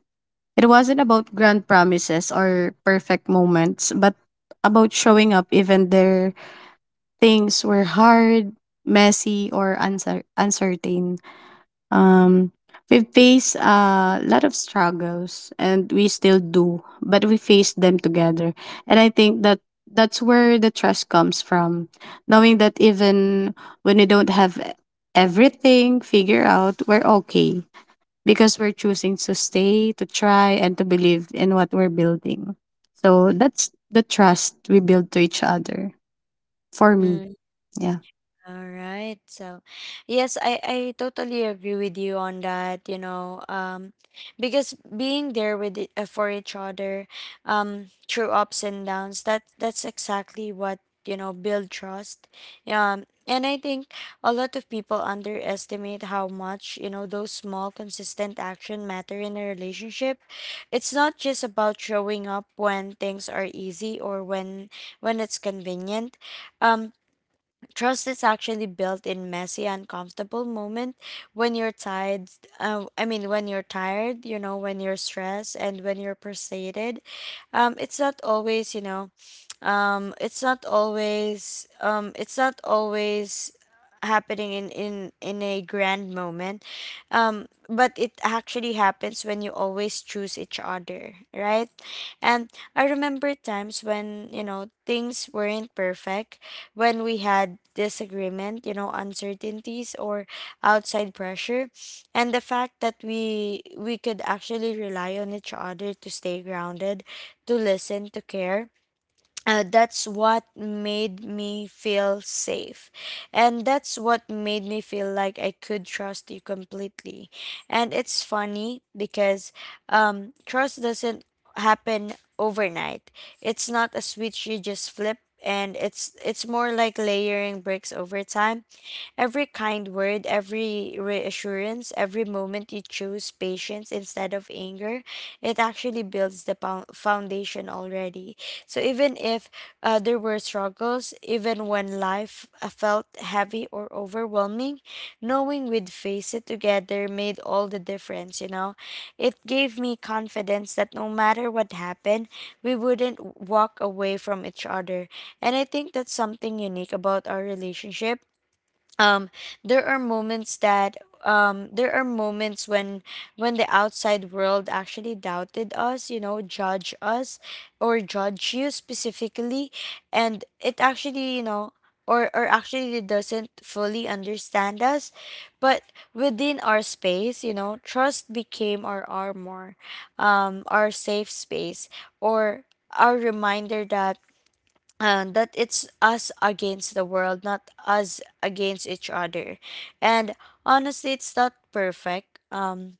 It wasn't about grand promises or perfect moments, but about showing up even there things were hard, messy, or uncer- uncertain. Um, we face a lot of struggles, and we still do, but we face them together. And I think that that's where the trust comes from, knowing that even when we don't have everything figured out, we're okay because we're choosing to stay, to try, and to believe in what we're building. So that's the trust we build to each other. For me, Mm. yeah. All right. So, yes, I I totally agree with you on that, you know, um because being there with it, uh, for each other um through ups and downs, that that's exactly what, you know, build trust. Um and I think a lot of people underestimate how much, you know, those small consistent action matter in a relationship. It's not just about showing up when things are easy or when when it's convenient. Um Trust is actually built in messy, uncomfortable moment when you're tired. Uh, I mean, when you're tired, you know, when you're stressed and when you're frustrated. Um, it's not always, you know, um, it's not always, um, it's not always happening in in in a grand moment um but it actually happens when you always choose each other, right? And I remember times when, you know, things weren't perfect, when we had disagreement, you know, uncertainties or outside pressure. And the fact that we we could actually rely on each other to stay grounded, to listen, to care uh, that's what made me feel safe, and that's what made me feel like I could trust you completely. And it's funny because um, trust doesn't happen overnight. It's not a switch you just flip, and it's it's more like layering bricks over time. Every kind word, every reassurance, every moment you choose patience instead of anger, it actually builds the pow- foundation already. So even if uh, there were struggles, even when life uh, felt heavy or overwhelming, knowing we'd face it together made all the difference, you know. It gave me confidence that no matter what happened, we wouldn't w- walk away from each other. And I think that's something unique about our relationship. um there are moments that um there are moments when when the outside world actually doubted us, you know, judge us, or judge you specifically, and it actually, you know or or actually it doesn't fully understand us. But within our space, you know, trust became our armor, um our safe space, or our reminder that and that it's us against the world, not us against each other. And honestly, it's not perfect. Um,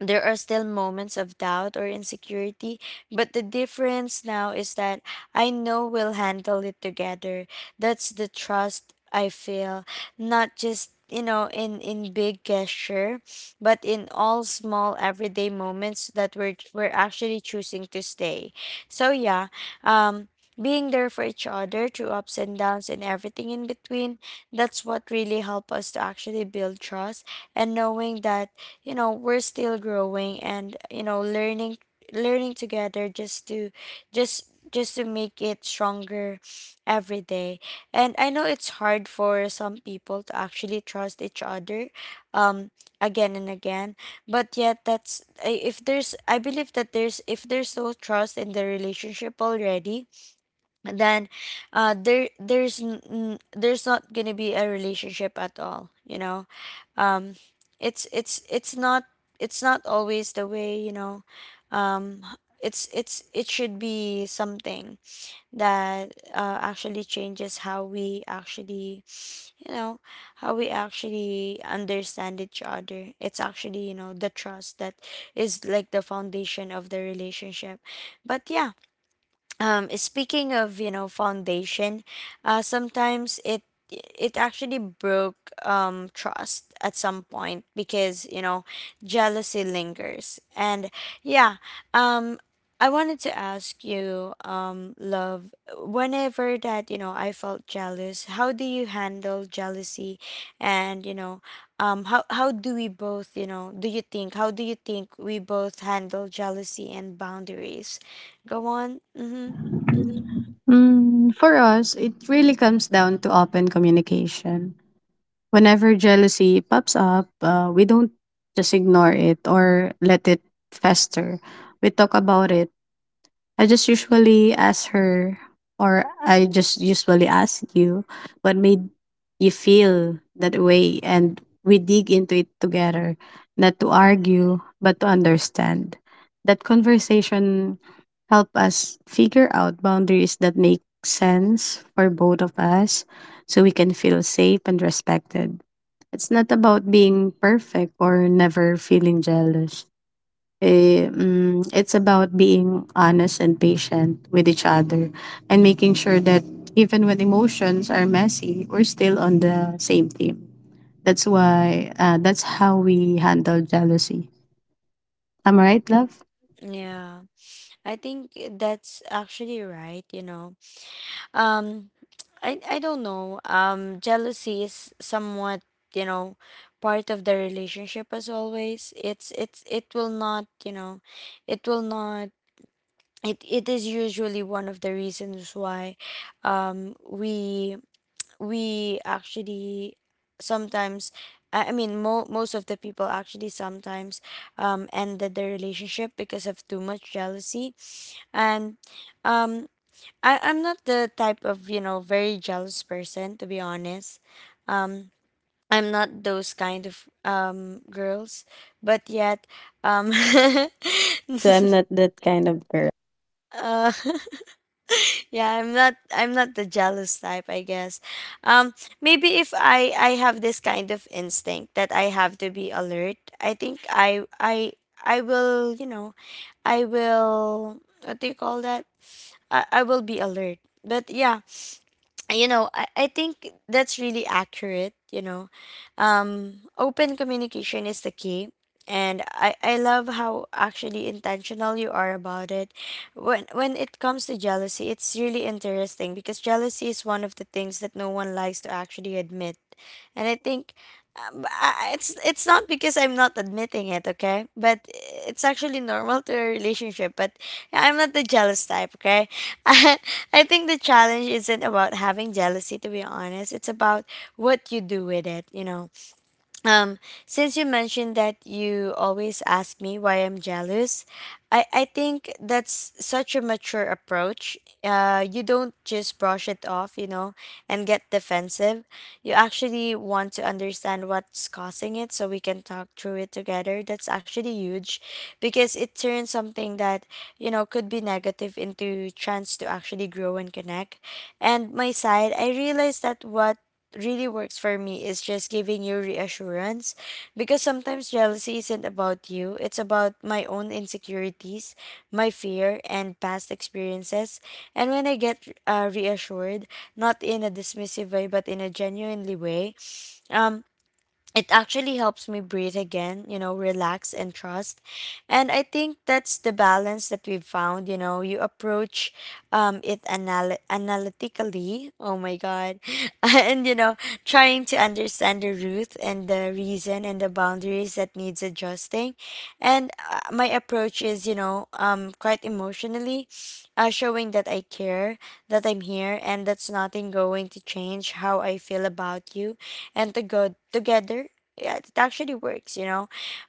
There are still moments of doubt or insecurity, but the difference now is that I know we'll handle it together. That's the trust I feel, not just, you know, in in big gesture, but in all small everyday moments that we're we're actually choosing to stay. So yeah. um Being there for each other through ups and downs and everything in between, that's what really helped us to actually build trust. And knowing that, you know, we're still growing, and, you know, learning, learning together, just to just just to make it stronger every day. And I know it's hard for some people to actually trust each other, um again and again. But yet, that's I- if there's I believe that there's if there's no trust in the relationship already, then uh there there's n- n- there's not gonna be a relationship at all, you know. Um it's it's it's not, it's not always the way, you know. Um it's it's it should be something that uh, actually changes how we actually, you know, how we actually understand each other. It's actually, you know, the trust that is like the foundation of the relationship. But yeah, um speaking of, you know, foundation, uh sometimes it, it actually broke um trust at some point, because, you know, jealousy lingers. And yeah, um I wanted to ask you, um love, whenever that, you know, I felt jealous, how do you handle jealousy? And, you know, um how how do we both, you know, do you think, how do you think we both handle jealousy and boundaries? Go on. Mhm. Mhm. Mm, for us, it really comes down to open communication. Whenever jealousy pops up, uh, we don't just ignore it or let it fester. We talk about it. I just usually ask her, or I just usually ask you, what made you feel that way? And we dig into it together, not to argue, but to understand. That conversation help us figure out boundaries that make sense for both of us so we can feel safe and respected. It's not about being perfect or never feeling jealous. Eh, mm, it's about being honest and patient with each other and making sure that even when emotions are messy, we're still on the same team. That's why, uh, that's how we handle jealousy. Am I right, love? Yeah, I think eh, that's actually right, you know. Um, I I don't know. Um, jealousy is somewhat, you know, part of the relationship as always. It's it's it will not, you know, it will not, it it is usually one of the reasons why um we we actually sometimes, I I mean, mo most of the people actually sometimes um ended their relationship because of too much jealousy. And um I, I'm not the type of, you know, very jealous person, to be honest. um I'm not those kind of um girls. But yet, um Me too. I'm not that kind of girl. uh, yeah, i'm not i'm not the jealous type, I guess. um Maybe if i i have this kind of instinct that I have to be alert, I think i i i will, you know, I will, what do you call that, i, I will be alert. But yeah, you know, I, I think that's really accurate, you know. Um open communication is the key, and I, I love how actually intentional you are about it. When when it comes to jealousy, it's really interesting because jealousy is one of the things that no one likes to actually admit. And I think, um, b- I- it's it's not because I'm not admitting it, okay? But it's actually normal to a relationship. But I'm not the jealous type, okay? I think the challenge isn't about having jealousy. To be honest, it's about what you do with it. You know, um, since you mentioned that you always ask me why I'm jealous, I, I think that's such a mature approach. Uh, you don't just brush it off, you know, and get defensive. You actually want to understand what's causing it so we can talk through it together. That's actually huge, because it turns something that, you know, could be negative into chance to actually grow and connect. And my side, I realized that what really works for me is just giving you reassurance, because sometimes jealousy isn't about you, it's about my own insecurities, my fear and past experiences. And when I get uh, reassured, not in a dismissive way, but in a genuinely way, um it actually helps me breathe again, you know, relax and trust. And I think that's the balance that we've found. You know, you approach um, it anal- analytically. Oh my God. And, you know, trying to understand the root and the reason and the boundaries that needs adjusting. And uh, my approach is, you know, um, quite emotionally, uh, showing that I care, that I'm here, and that's nothing going to change how I feel about you, and to go together. Yeah, it actually works, you know.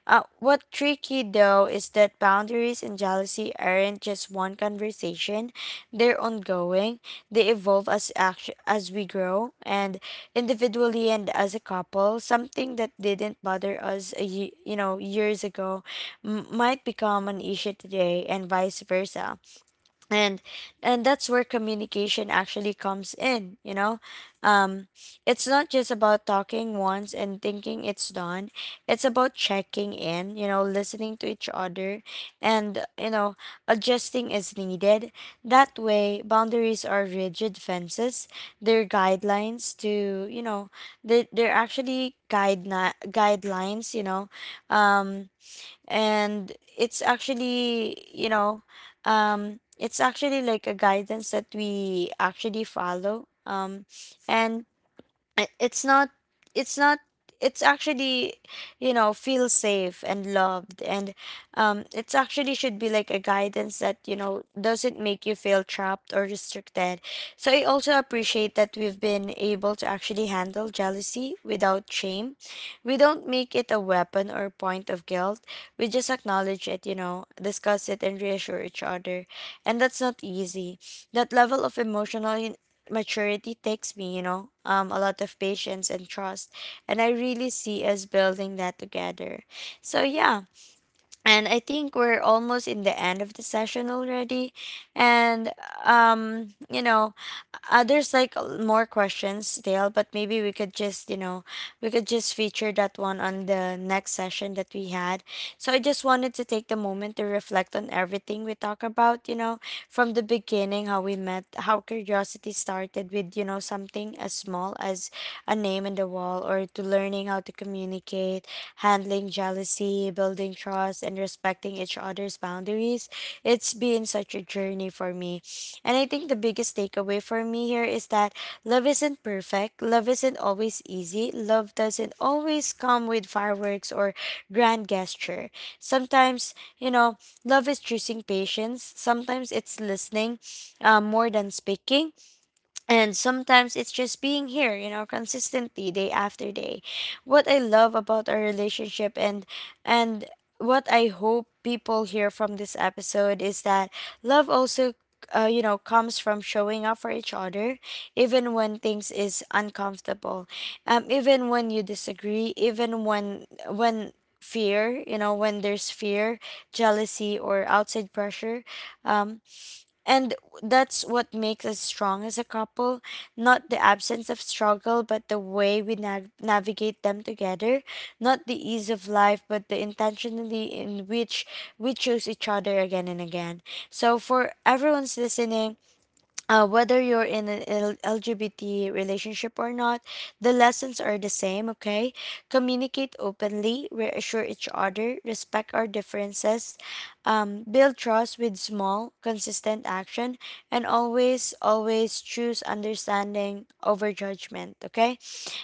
uh, What tricky though is that boundaries and jealousy aren't just one conversation, they're ongoing. They evolve as act- as we grow, and individually and as a couple. Something that didn't bother us a ye- you know, years ago m- might become an issue today, and vice versa. and and that's where communication actually comes in, you know. um, it's not just about talking once and thinking it's done. It's about checking in, you know, listening to each other and, you know, adjusting as needed. That way, boundaries are rigid fences. They're guidelines to, you know, they're, they're actually guide guidelines, you know, um, and it's actually, you know, um, it's actually like a guidance that we actually follow. Um, and I- it's not it's not, it's actually, you know, feel safe and loved. And um it's actually should be like a guidance that, you know, doesn't make you feel trapped or restricted. So I also appreciate that we've been able to actually handle jealousy without shame. We don't make it a weapon or point of guilt. We just acknowledge it, you know, discuss it and reassure each other. And that's not easy. That level of emotional maturity takes me, you know, um, a lot of patience and trust. And I really see us building that together. So, yeah, and I think we're almost in the end of the session already. And um, you know, uh, there's like a- more questions still, but maybe we could just, you know, we could just feature that one on the next session that we had. So I just wanted to take the moment to reflect on everything we talk about, you know, from the beginning, how we met, how curiosity started with, you know, something as small as a name and time on the wall, or to learning how to communicate, handling jealousy, building trust, and respecting each other's boundaries. It's been such a journey for me. And I think the biggest takeaway for me here is that love isn't perfect, love isn't always easy, love doesn't always come with fireworks or grand gesture. Sometimes, you know, love is choosing patience, sometimes it's listening uh, more than speaking, and sometimes it's just being here, you know, consistently, day after day. What I love about our relationship, and and what I hope people hear from this episode is that love also, uh, you know, comes from showing up for each other even when things is uncomfortable, um even when you disagree, even when when fear, you know, when there's fear, jealousy, or outside pressure. And that's what makes us strong as a couple. Not the absence of struggle, but the way we nav- navigate them together. Not the ease of life, but the intentionally in which we choose each other again and again. So, for everyone's listening, uh, whether you're in an L- LGBT relationship or not, the lessons are the same, okay? Communicate openly, reassure each other, respect our differences, um, build trust with small, consistent action, and always, always choose understanding over judgment. Okay.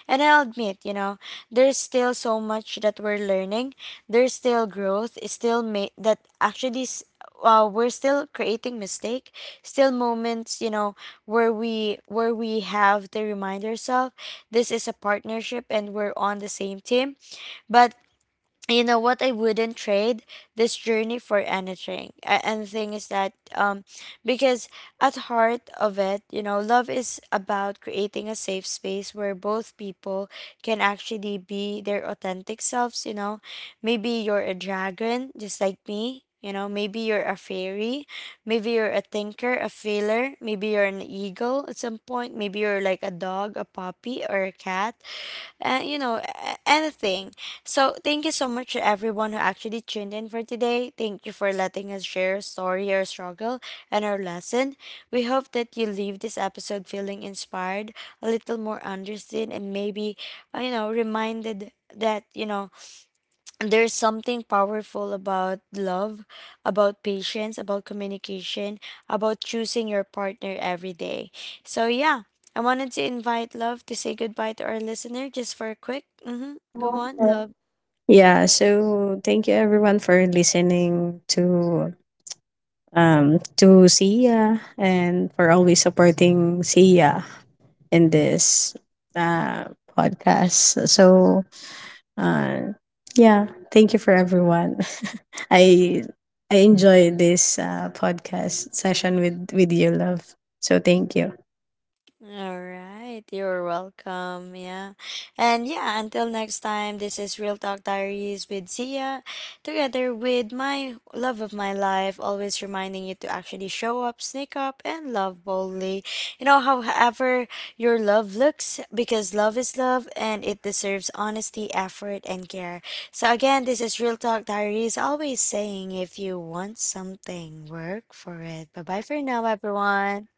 And I'll admit, you know, there's still so much that we're learning. There's still growth. It's still made that actually s- uh, we're still creating mistake, still moments, you know, where we where we have to remind ourselves this is a partnership and we're on the same team. But you know what, I wouldn't trade this journey for anything. A- And the thing is that um because at heart of it, you know, love is about creating a safe space where both people can actually be their authentic selves, you know. Maybe you're a dragon just like me. You know, maybe you're a fairy, maybe you're a thinker, a feeler, maybe you're an eagle at some point, maybe you're like a dog, a puppy, or a cat uh, you know, a- anything. So thank you so much to everyone who actually tuned in for today. Thank you for letting us share a story, our struggle, and our lesson. We hope that you leave this episode feeling inspired, a little more understood, and maybe, uh, you know, reminded that, you know, there's something powerful about love, about patience, about communication, about choosing your partner every day. So yeah, I wanted to invite Love to say goodbye to our listener just for a quick. Mm-hmm, go on, Love. Yeah. So thank you everyone for listening to um to Sia and for always supporting Sia in this uh, podcast. So, uh, yeah, thank you for everyone. I I enjoy this uh, podcast session with with you, love. So thank you. All right, you're welcome. Yeah. And yeah, until next time, this is Real Talk Diaries with Sia, together with my love of my life, always reminding you to actually show up, sneak up, and love boldly. You know, however your love looks, because love is love and it deserves honesty, effort, and care. So again, this is Real Talk Diaries, always saying, if you want something, work for it. Bye bye for now, everyone.